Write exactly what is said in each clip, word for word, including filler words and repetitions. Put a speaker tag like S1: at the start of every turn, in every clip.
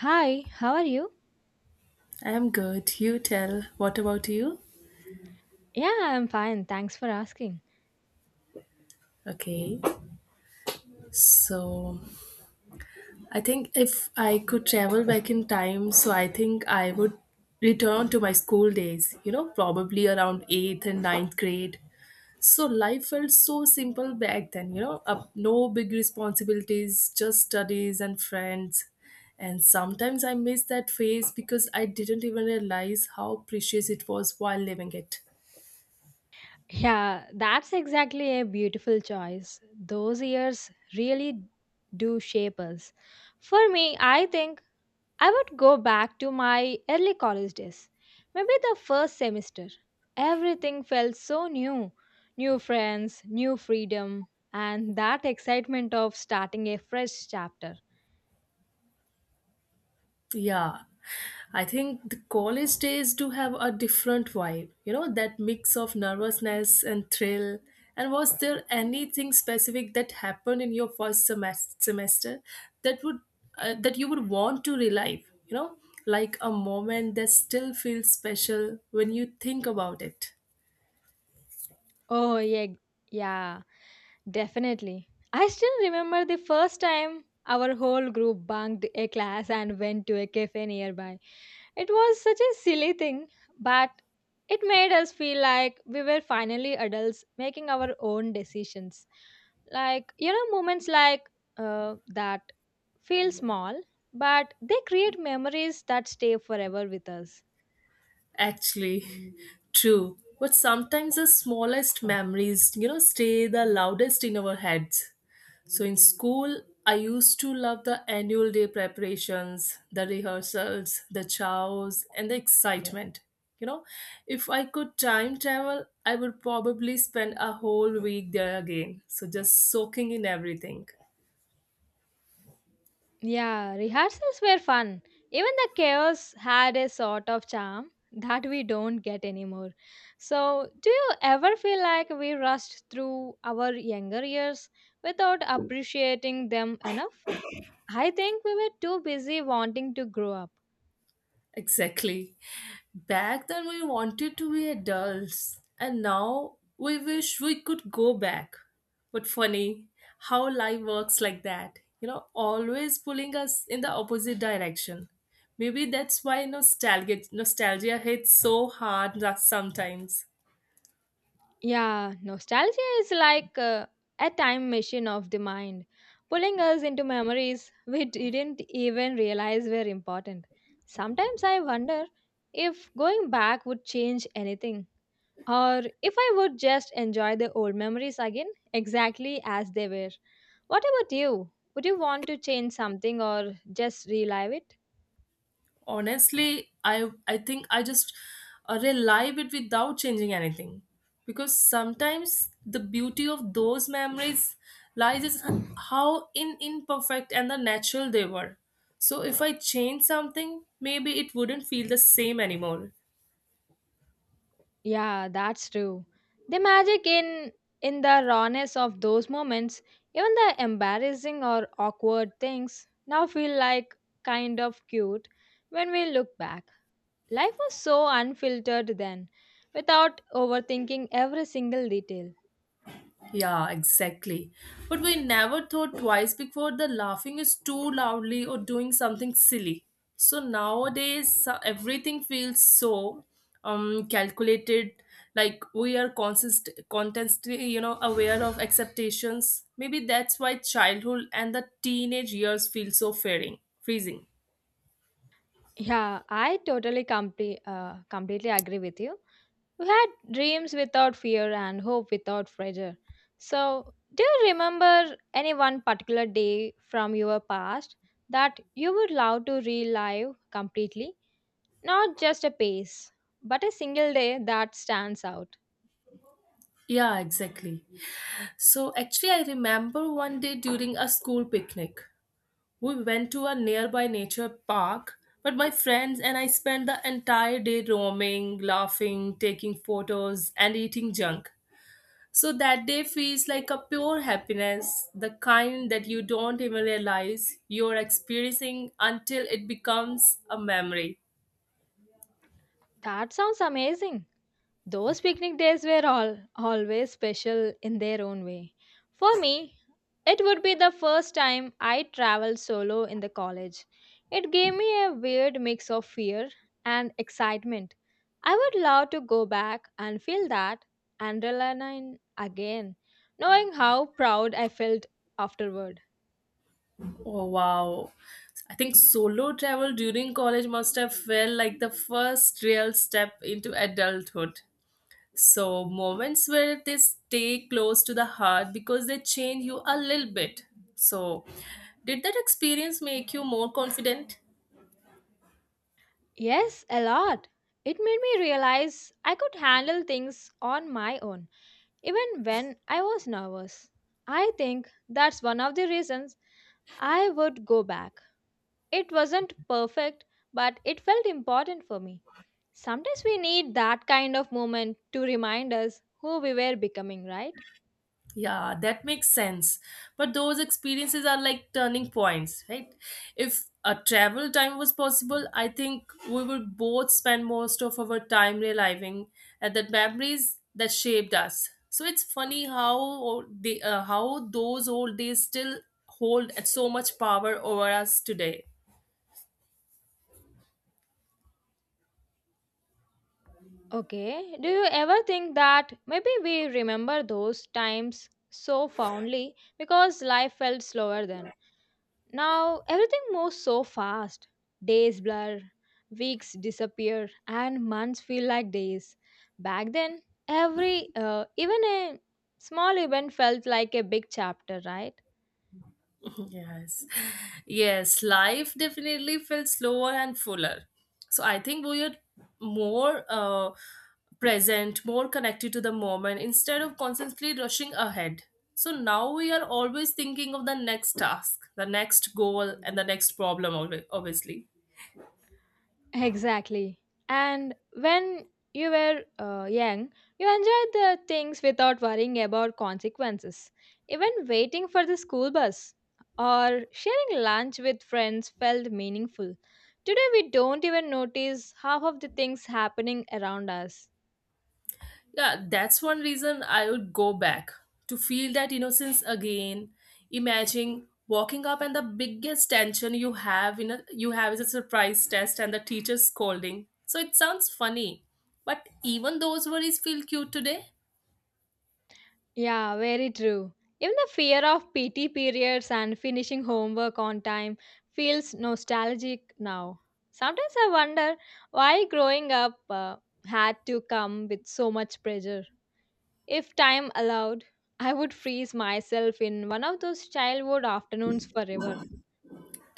S1: Hi, how are you?
S2: I'm good. You tell. What about you?
S1: Yeah, I'm fine. Thanks for asking.
S2: Okay. So, I think if I could travel back in time, so I think I would return to my school days, you know, probably around eighth and ninth grade. So, life felt so simple back then, you know, up, no big responsibilities, just studies and friends. And sometimes I miss that phase because I didn't even realize how precious it was while living it.
S1: Yeah, that's exactly a beautiful choice. Those years really do shape us. For me, I think I would go back to my early college days. Maybe the first semester. Everything felt so new. New friends, new freedom, and that excitement of starting a fresh chapter.
S2: Yeah, I think the college days do have a different vibe, you know, that mix of nervousness and thrill. And was there anything specific that happened in your first semester semester that would uh, that you would want to relive, you know, like a moment that still feels special when you think about it?
S1: Oh, yeah, yeah. Definitely. I still remember the first time our whole group bunked a class and went to a cafe nearby. It was such a silly thing, but it made us feel like we were finally adults making our own decisions. Like, you know, moments like uh, that feel small, but they create memories that stay forever with us.
S2: Actually, true. But sometimes the smallest memories, you know, stay the loudest in our heads. So in school, I used to love the annual day preparations, the rehearsals, the chows, and the excitement. You know, if I could time travel, I would probably spend a whole week there again. So just soaking in everything.
S1: Yeah, rehearsals were fun. Even the chaos had a sort of charm that we don't get anymore. So, do you ever feel like we rushed through our younger years without appreciating them enough? I think we were too busy wanting to grow up.
S2: Exactly. Back then, we wanted to be adults, and now we wish we could go back. But funny how life works like that, you know, always pulling us in the opposite direction. Maybe that's why nostalgia, nostalgia hits so hard that sometimes.
S1: Yeah, nostalgia is like uh, a time machine of the mind, pulling us into memories we didn't even realize were important. Sometimes I wonder if going back would change anything, or if I would just enjoy the old memories again exactly as they were. What about you? Would you want to change something or just relive it?
S2: Honestly, i i think I just uh, rely it without changing anything, because sometimes the beauty of those memories lies is how in imperfect and the natural they were. So if I change something, maybe it wouldn't feel the same anymore.
S1: Yeah, that's true. The magic in in the rawness of those moments, even the embarrassing or awkward things now feel like kind of cute when we look back. Life was so unfiltered then, without overthinking every single detail.
S2: Yeah, exactly. But we never thought twice before the laughing is too loudly or doing something silly. So nowadays uh, everything feels so um calculated, like we are consist constantly, you know, aware of expectations. Maybe that's why childhood and the teenage years feel so fearing, freezing.
S1: Yeah, I totally complete uh, completely agree with you. We had dreams without fear and hope without pressure. So, do you remember any one particular day from your past that you would love to relive completely? Not just a pace, but a single day that stands out.
S2: Yeah, exactly. So actually I remember one day during a school picnic. We went to a nearby nature park, but my friends and I spent the entire day roaming, laughing, taking photos, and eating junk. So that day feels like a pure happiness, the kind that you don't even realize you're experiencing until it becomes a memory.
S1: That sounds amazing. Those picnic days were all always special in their own way. For me, it would be the first time I traveled solo in the college. It gave me a weird mix of fear and excitement. I would love to go back and feel that adrenaline again, knowing how proud I felt afterward.
S2: Oh wow. I think solo travel during college must have felt like the first real step into adulthood. So, moments where they stay close to the heart because they change you a little bit. So, did that experience make you more confident?
S1: Yes, a lot. It made me realize I could handle things on my own even when I was nervous. I think that's one of the reasons I would go back. It wasn't perfect, but it felt important for me. Sometimes we need that kind of moment to remind us who we were becoming, right?
S2: Yeah, that makes sense. But those experiences are like turning points, right? If a travel time was possible, I think we would both spend most of our time reliving at the memories that shaped us. So it's funny how o- they, uh, how those old days still hold so much power over us today.
S1: Okay, do you ever think that maybe we remember those times so fondly because life felt slower then? Now everything moves so fast. Days blur, weeks disappear, and months feel like days. Back then, every uh, even a small event felt like a big chapter, right?
S2: Yes, yes, life definitely felt slower and fuller. So I think we are more uh, present, more connected to the moment instead of constantly rushing ahead. So now we are always thinking of the next task, the next goal, and the next problem, obvi- obviously.
S1: Exactly. And when you were uh, young, you enjoyed the things without worrying about consequences. Even waiting for the school bus or sharing lunch with friends felt meaningful. Today, we don't even notice half of the things happening around us.
S2: Yeah, that's one reason I would go back to feel that innocence again. Imagine walking up and the biggest tension you have in a you have is a surprise test and the teacher scolding. So it sounds funny, but even those worries feel cute today.
S1: Yeah, very true. Even the fear of P T periods and finishing homework on time feels nostalgic now. Sometimes I wonder why growing up uh, had to come with so much pressure. If time allowed, I would freeze myself in one of those childhood afternoons forever.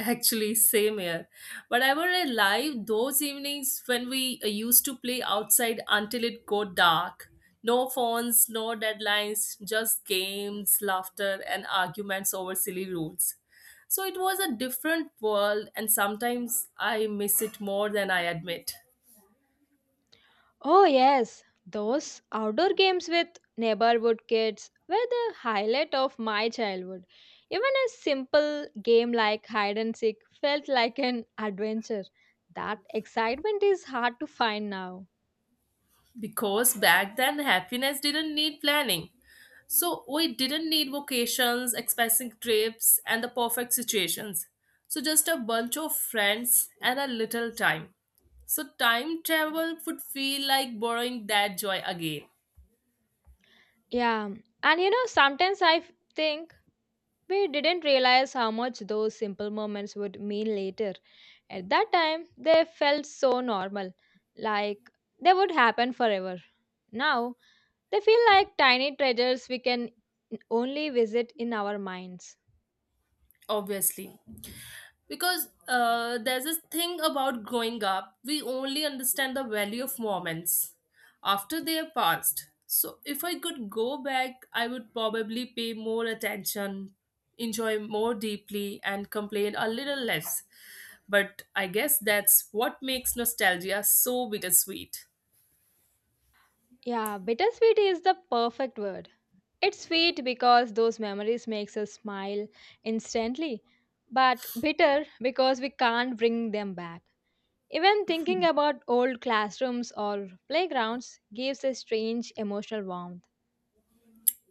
S2: Actually, same here. But I were alive those evenings when we uh, used to play outside until it got dark. No phones, no deadlines, just games, laughter, and arguments over silly rules. So it was a different world, and sometimes I miss it more than I admit.
S1: Oh, yes, those outdoor games with neighborhood kids were the highlight of my childhood. Even a simple game like hide and seek felt like an adventure. That excitement is hard to find now.
S2: Because back then, happiness didn't need planning. So we didn't need vacations, expensive trips, and the perfect situations. So just a bunch of friends and a little time. So time travel would feel like borrowing that joy again,
S1: Yeah, and you know, sometimes I f- think we didn't realize how much those simple moments would mean later. At that time, they felt so normal, like they would happen forever. Now, they feel like tiny treasures we can only visit in our minds.
S2: obviously. Because uh, there's this thing about growing up, we only understand the value of moments after they are passed. So if I could go back, I would probably pay more attention, enjoy more deeply, and complain a little less. But I guess that's what makes nostalgia so bittersweet.
S1: Yeah, bittersweet is the perfect word. It's sweet because those memories makes us smile instantly, but bitter because we can't bring them back. Even thinking about old classrooms or playgrounds gives a strange emotional warmth.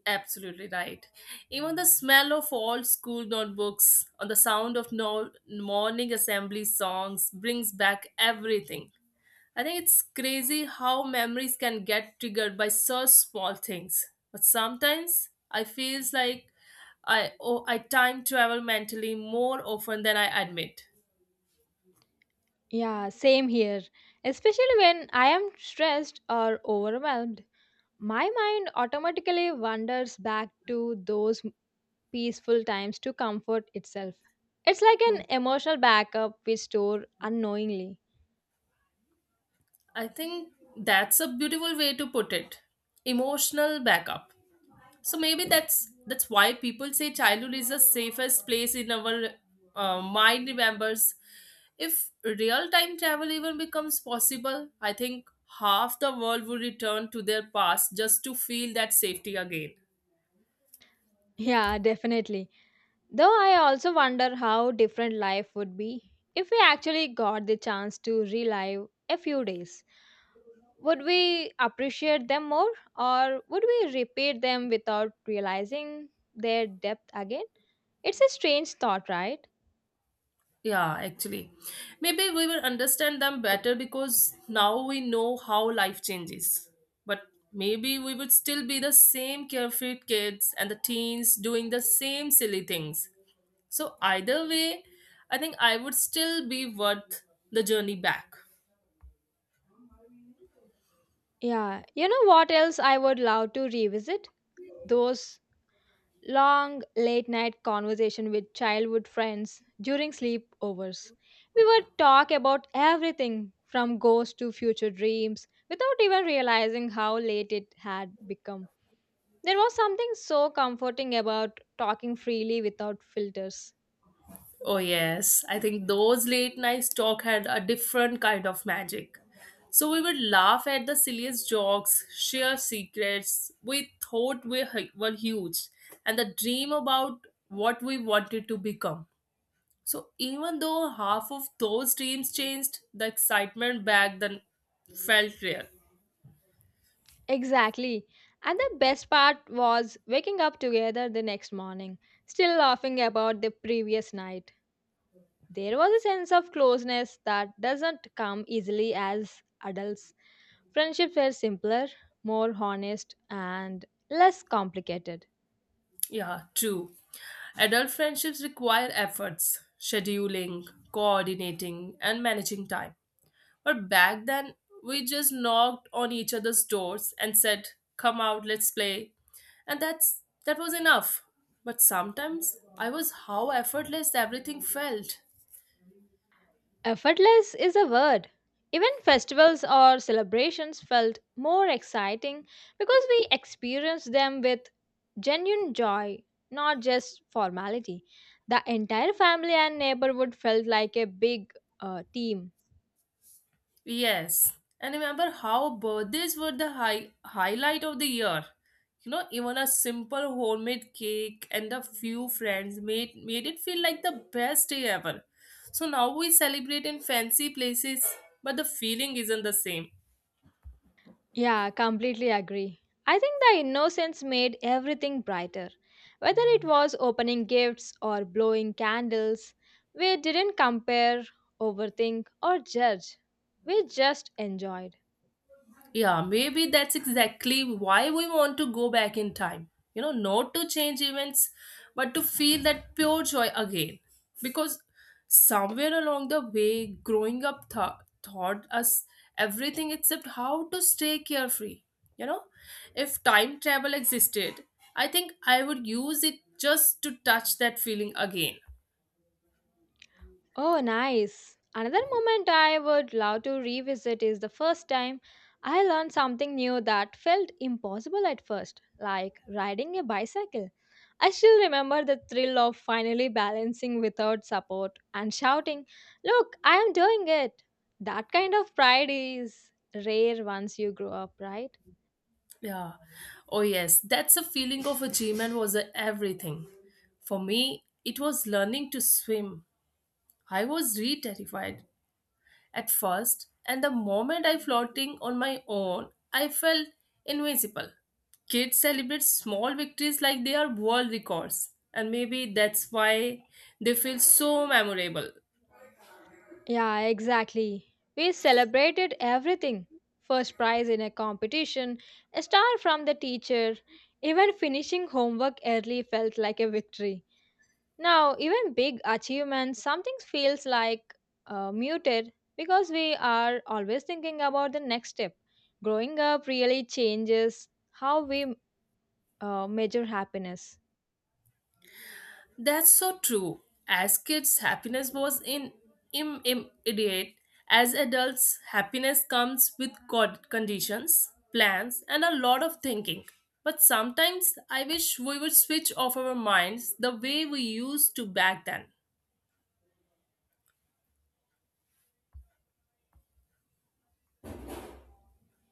S2: Absolutely right. Even the smell of old school notebooks or the sound of no- morning assembly songs brings back everything. I think it's crazy how memories can get triggered by such small things. But sometimes I feels like I oh, I time travel mentally more often than I admit.
S1: Yeah, same here. Especially when I am stressed or overwhelmed, my mind automatically wanders back to those peaceful times to comfort itself. It's like an
S2: Hmm.
S1: emotional backup we store unknowingly.
S2: I think that's a beautiful way to put it. Emotional backup. So maybe that's that's why people say childhood is the safest place in our uh, mind remembers. If real time travel even becomes possible, I think half the world would return to their past just to feel that safety again.
S1: Yeah, definitely. Though I also wonder how different life would be if we actually got the chance to relive a few days. Would we appreciate them more or would we repeat them without realizing their depth again? It's a strange thought, right?
S2: Yeah, actually, maybe we will understand them better because now we know how life changes. But maybe we would still be the same carefree kids and the teens doing the same silly things. So either way, I think I would still be worth the journey back.
S1: Yeah, you know what else I would love to revisit? Those long late night conversation with childhood friends during sleepovers. We would talk about everything from ghosts to future dreams without even realizing how late it had become. There was something so comforting about talking freely without filters.
S2: Oh yes, I think those late night talk had a different kind of magic. So we would laugh at the silliest jokes, share secrets we thought we hu- were huge, and the dream about what we wanted to become. So even though half of those dreams changed, the excitement back then felt real.
S1: Exactly. And the best part was waking up together the next morning, still laughing about the previous night. There was a sense of closeness that doesn't come easily as adults. Friendships were simpler, more honest, and less complicated.
S2: Yeah, true. Adult friendships require efforts, scheduling, coordinating, and managing time. But back then, we just knocked on each other's doors and said, "Come out, let's play." And that's that was enough. But sometimes I was how effortless everything felt.
S1: Effortless is a word. Even festivals or celebrations felt more exciting because we experienced them with genuine joy, not just formality. The entire family and neighborhood felt like a big uh, team.
S2: Yes, and remember how birthdays were the high highlight of the year. You know, even a simple homemade cake and a few friends made made it feel like the best day ever. So now we celebrate in fancy places, but the feeling isn't the same.
S1: Yeah, completely agree. I think the innocence made everything brighter. Whether it was opening gifts or blowing candles, we didn't compare, overthink, or judge. We just enjoyed.
S2: Yeah, maybe that's exactly why we want to go back in time. You know, not to change events, but to feel that pure joy again. Because somewhere along the way, growing up th- taught us everything except how to stay carefree. You know, if time travel existed, I think I would use it just to touch that feeling again.
S1: Oh, nice. Another moment I would love to revisit is the first time I learned something new that felt impossible at first, like riding a bicycle. I still remember the thrill of finally balancing without support and shouting, "Look, I am doing it." That kind of pride is rare once you grow up, right?
S2: Yeah. Oh, yes. That's a feeling of achievement was a everything. For me, it was learning to swim. I was re terrified at first, and the moment I floating on my own, I felt invincible. Kids celebrate small victories like they are world records, and maybe that's why they feel so memorable.
S1: Yeah, exactly. We celebrated everything. First prize in a competition, a star from the teacher, even finishing homework early felt like a victory. Now, even big achievements, something feels like uh, muted because we are always thinking about the next step. Growing up really changes how we uh, measure happiness.
S2: That's so true. As kids, happiness was in im- immediate. As adults, happiness comes with cod- conditions, plans, and a lot of thinking. But sometimes I wish we would switch off our minds the way we used to back then.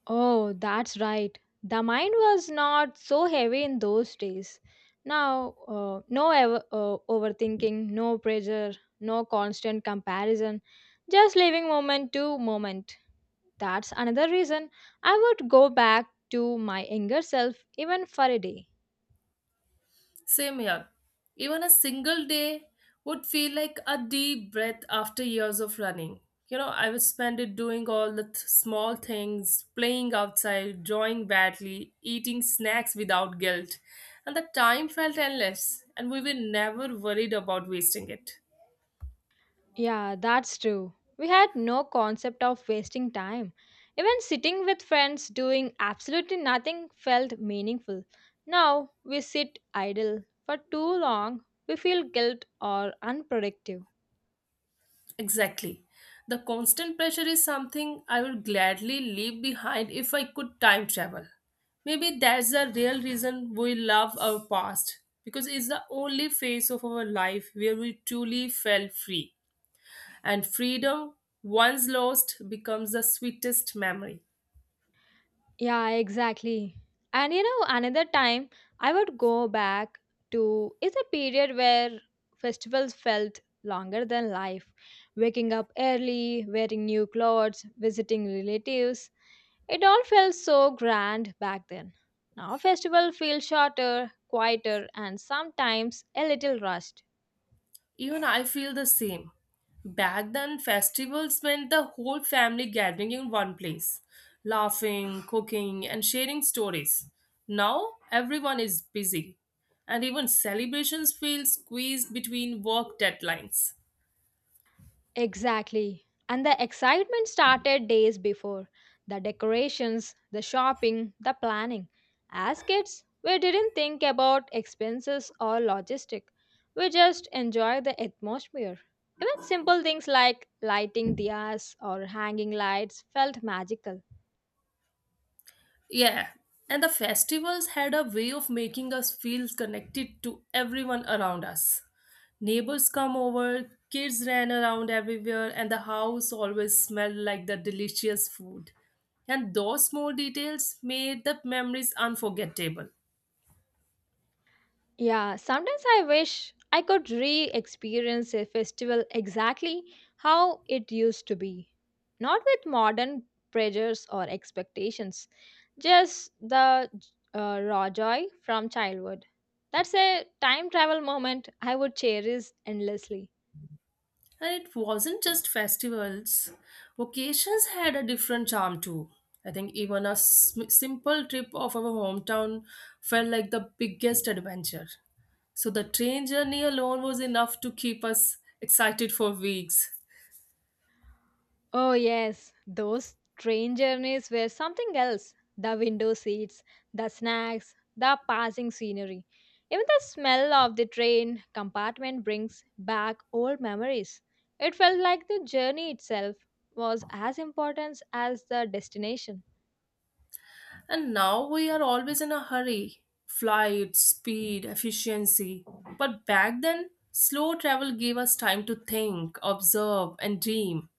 S1: Oh, that's right. The mind was not so heavy in those days. Now, uh, no ever, uh, overthinking, no pressure, no constant comparison, just living moment to moment. That's another reason I would go back to my younger self even for a day.
S2: Same here. Even a single day would feel like a deep breath after years of running. You know, I would spend it doing all the th- small things, playing outside, drawing badly, eating snacks without guilt. And the time felt endless, and we were never worried about wasting it.
S1: Yeah, that's true. We had no concept of wasting time. Even sitting with friends doing absolutely nothing felt meaningful. Now we sit idle for too long, we feel guilt or unproductive.
S2: Exactly. The constant pressure is something I would gladly leave behind if I could time travel. Maybe that's the real reason we love our past, because it's the only phase of our life where we truly felt free. And freedom, once lost, becomes the sweetest memory.
S1: Yeah, exactly. And you know, another time I would go back to is a period where festivals felt longer than life. Waking up early, wearing new clothes, visiting relatives, it all felt so grand back then. Now festival feel shorter, quieter, and sometimes a little rushed.
S2: Even I feel the same. Back then, festivals meant the whole family gathering in one place, laughing, cooking, and sharing stories. Now, everyone is busy, and even celebrations feel squeezed between work deadlines.
S1: Exactly. And the excitement started days before. The decorations, the shopping, the planning. As kids, we didn't think about expenses or logistic. We just enjoyed the atmosphere. Even simple things like lighting diyas or hanging lights felt magical.
S2: Yeah, and the festivals had a way of making us feel connected to everyone around us. Neighbors come over, kids ran around everywhere, and the house always smelled like the delicious food. And those small details made the memories unforgettable.
S1: Yeah, sometimes I wish I could re experience a festival exactly how it used to be. Not with modern pressures or expectations, just the uh, raw joy from childhood. That's a time travel moment I would cherish endlessly.
S2: And it wasn't just festivals, vacations had a different charm too. I think even a s- simple trip of our hometown felt like the biggest adventure. So the train journey alone was enough to keep us excited for weeks.
S1: Oh, yes, those train journeys were something else. The window seats, the snacks, the passing scenery. Even the smell of the train compartment brings back old memories. It felt like the journey itself was as important as the destination.
S2: And now we are always in a hurry flight, speed, efficiency. But back then, slow travel gave us time to think, observe, and dream.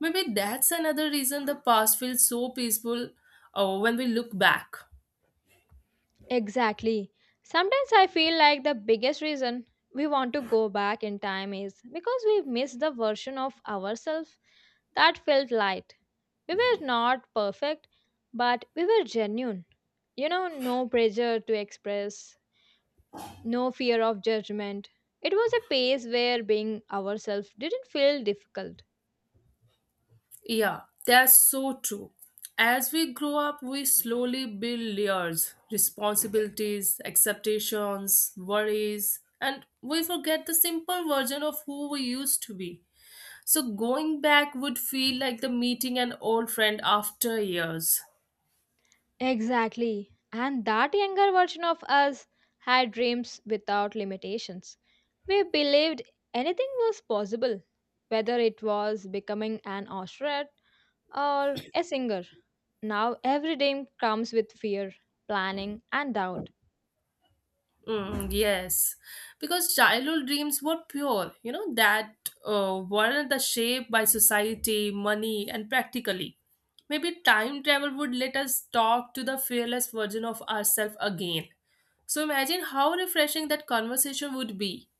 S2: Maybe that's another reason the past feels so peaceful, uh, when we look back.
S1: Exactly. Sometimes I feel like the biggest reason we want to go back in time is because we miss the version of ourselves that felt light. We were not perfect, but we were genuine. You know, no pressure to express, no fear of judgment. It was a pace where being ourselves didn't feel difficult.
S2: Yeah, that's so true. As we grow up, we slowly build layers, responsibilities, expectations, worries, and we forget the simple version of who we used to be. So going back would feel like the meeting an old friend after years.
S1: Exactly. And that younger version of us had dreams without limitations. We believed anything was possible, whether it was becoming an astronaut or a singer. Now every dream comes with fear, planning, and doubt.
S2: Mm, yes, because childhood dreams were pure, you know, that uh, weren't the shaped by society, money, and practically. Maybe time travel would let us talk to the fearless version of ourselves again. So imagine how refreshing that conversation would be.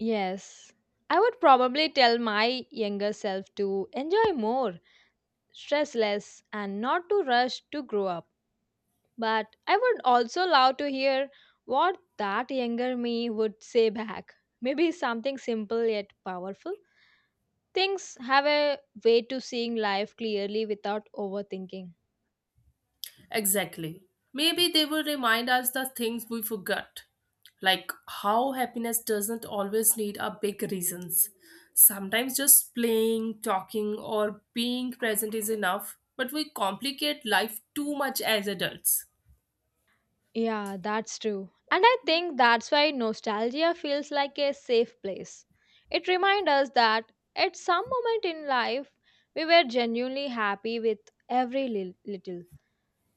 S1: Yes, I would probably tell my younger self to enjoy more, stress less, and not to rush to grow up. But I would also love to hear what that younger me would say back. Maybe something simple yet powerful. Things have a way to seeing life clearly without overthinking.
S2: Exactly. Maybe they will remind us the things we forgot, like how happiness doesn't always need a big reasons. Sometimes just playing, talking, or being present is enough, but we complicate life too much as adults.
S1: Yeah, that's true. And I think that's why nostalgia feels like a safe place. It reminds us that at some moment in life, we were genuinely happy with every li- little.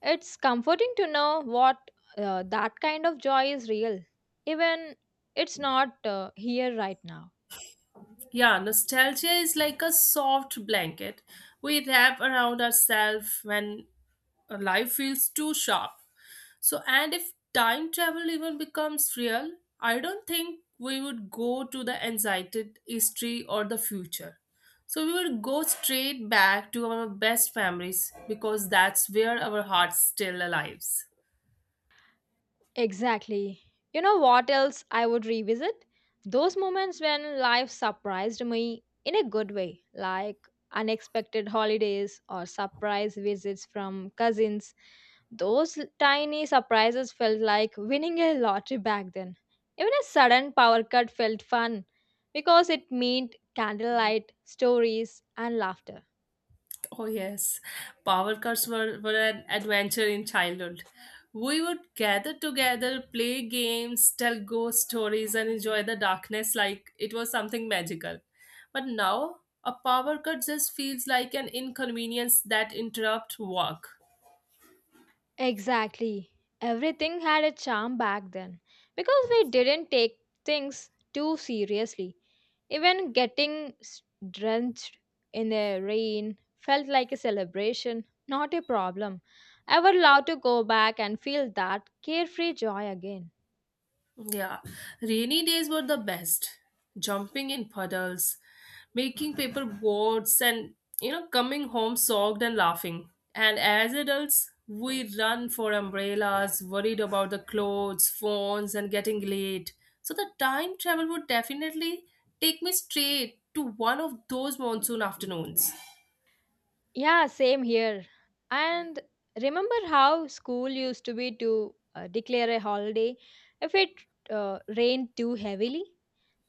S1: It's comforting to know what uh, that kind of joy is real, even it's not uh, here right now.
S2: Yeah, nostalgia is like a soft blanket we wrap around ourselves when uh, life feels too sharp. So, and if time travel even becomes real, I don't think we would go to the anxiety history or the future. So, we would go straight back to our best memories because that's where our hearts still alive.
S1: Exactly. You know what else I would revisit? Those moments when life surprised me in a good way, like unexpected holidays or surprise visits from cousins. Those l- tiny surprises felt like winning a lottery back then. Even a sudden power cut felt fun because it meant candlelight, stories, and laughter.
S2: Oh yes, power cuts were, were an adventure in childhood. We would gather together, play games, tell ghost stories, and enjoy the darkness like it was something magical. But now, a power cut just feels like an inconvenience that interrupts work.
S1: Exactly. Everything had a charm back then because we didn't take things too seriously. Even getting s- drenched in the rain felt like a celebration, not a problem. I would love to go back and feel that carefree joy again.
S2: Yeah, rainy days were the best. Jumping in puddles, making paper boats, and you know, coming home soaked and laughing. And as adults, we run for umbrellas, worried about the clothes, phones, and getting late. So the time travel would definitely take me straight to one of those monsoon afternoons.
S1: Yeah, same here. And remember how school used to be to uh, declare a holiday if it uh, rained too heavily?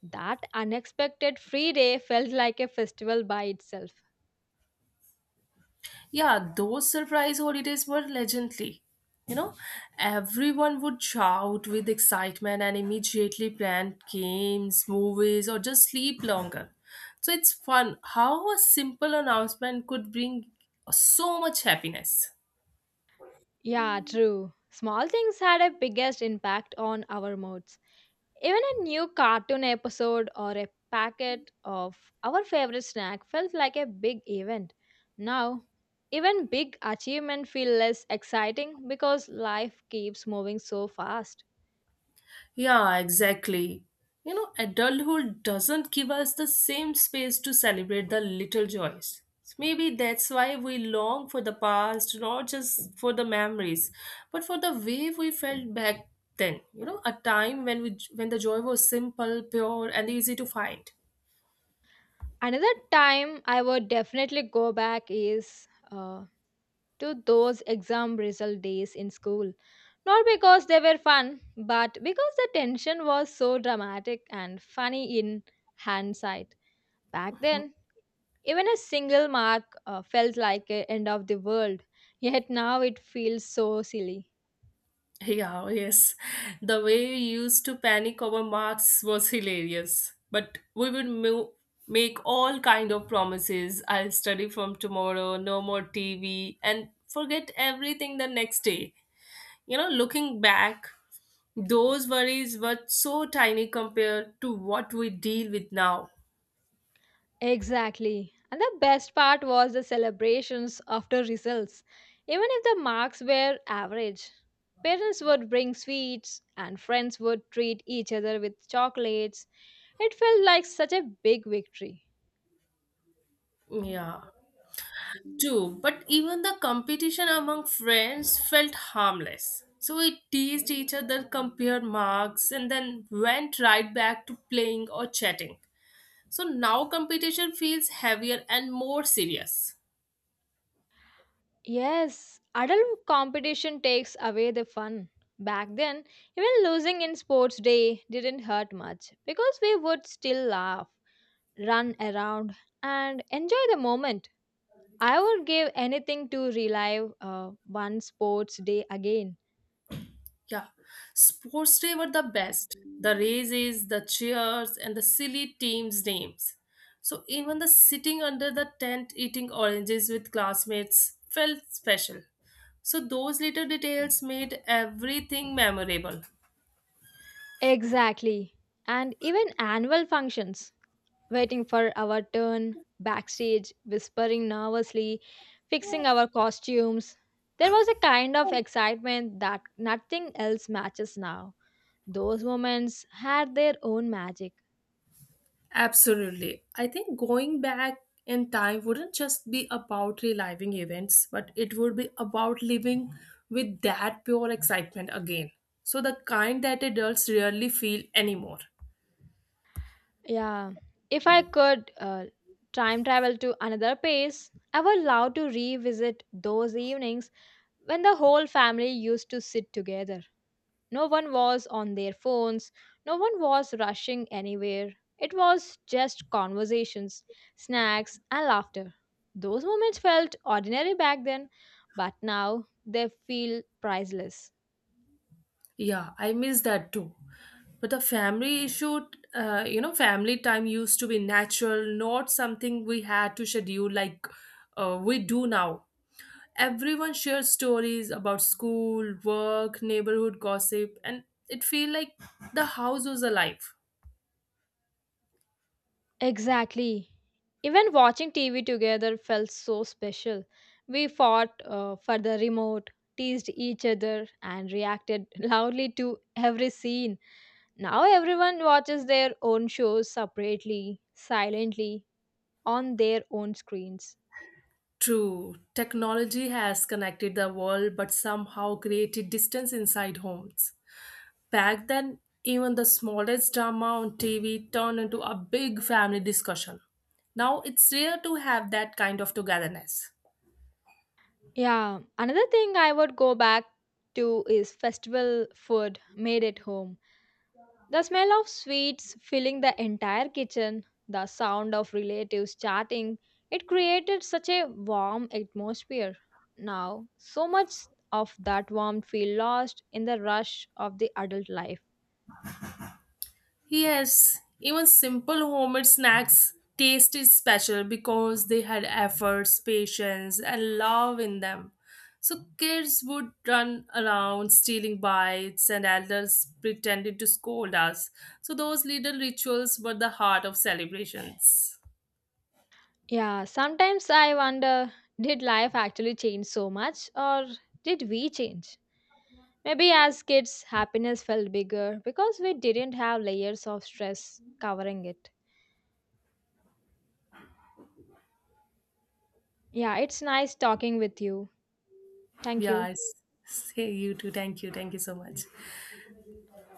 S1: That unexpected free day felt like a festival by itself.
S2: Yeah, those surprise holidays were legendary. You know, everyone would shout with excitement and immediately plan games, movies, or just sleep longer. So it's fun how a simple announcement could bring so much happiness.
S1: Yeah, true. Small things had a biggest impact on our moods. Even a new cartoon episode or a packet of our favorite snack felt like a big event. Now, even big achievement feel less exciting because life keeps moving so fast.
S2: Yeah, exactly. You know, adulthood doesn't give us the same space to celebrate the little joys. Maybe that's why we long for the past, not just for the memories, but for the way we felt back then. You know, a time when we when the joy was simple, pure, and easy to find.
S1: Another time I would definitely go back is uh, to those exam result days in school. Not because they were fun, but because the tension was so dramatic and funny in hindsight. Back then, even a single mark uh, felt like a end of the world, yet now it feels so silly.
S2: Yeah, oh, yes. The way we used to panic over marks was hilarious. But we would mo- make all kind of promises. I'll study from tomorrow, no more T V, and forget everything the next day. You know, looking back, those worries were so tiny compared to what we deal with now.
S1: Exactly. And the best part was the celebrations after results. Even if the marks were average, parents would bring sweets and friends would treat each other with chocolates. It felt like such a big victory.
S2: Yeah. True, but even the competition among friends felt harmless. So we teased each other, compared marks, and then went right back to playing or chatting. So now competition feels heavier and more serious.
S1: Yes, adult competition takes away the fun. Back then, even losing in sports day didn't hurt much because we would still laugh, run around, and enjoy the moment. I would give anything to relive uh, one sports day again.
S2: Yeah, sports day were the best. The races, the cheers, and the silly teams' names. So even the sitting under the tent eating oranges with classmates felt special. So those little details made everything memorable.
S1: Exactly. And even annual functions. Waiting for our turn backstage, whispering nervously, fixing our costumes. There was a kind of excitement that nothing else matches now. Those moments had their own magic.
S2: Absolutely. I think going back in time wouldn't just be about reliving events, but it would be about living with that pure excitement again. So the kind that adults rarely feel anymore.
S1: Yeah, if I could uh, time travel to another place, I would love to revisit those evenings when the whole family used to sit together. No one was on their phones, no one was rushing anywhere. It was just conversations, snacks, and laughter. Those moments felt ordinary back then, but now they feel priceless.
S2: Yeah, I miss that too. But the family issue, uh, you know, family time used to be natural, not something we had to schedule like uh, we do now. Everyone shared stories about school, work, neighborhood gossip, and it feel like the house was alive.
S1: Exactly. Even watching T V together felt so special. We fought uh, for the remote, teased each other, and reacted loudly to every scene. Now everyone watches their own shows separately, silently, on their own screens.
S2: True, technology has connected the world, but somehow created distance inside homes. Back then, even the smallest drama on T V turned into a big family discussion. Now it's rare to have that kind of togetherness.
S1: Yeah, another thing I would go back to is festival food made at home. The smell of sweets filling the entire kitchen, the sound of relatives chatting, it created such a warm atmosphere. Now, so much of that warmth feel lost in the rush of the adult life.
S2: Yes, even simple homemade snacks taste is special because they had efforts, patience, and love in them. So kids would run around stealing bites, and elders pretended to scold us. So those little rituals were the heart of celebrations.
S1: Yeah, sometimes I wonder did life actually change so much or did we change? Maybe as kids, happiness felt bigger because we didn't have layers of stress covering it. Yeah, it's nice talking with you. Thank
S2: Yeah,
S1: you.
S2: I s- say you too. Thank you. Thank you so much.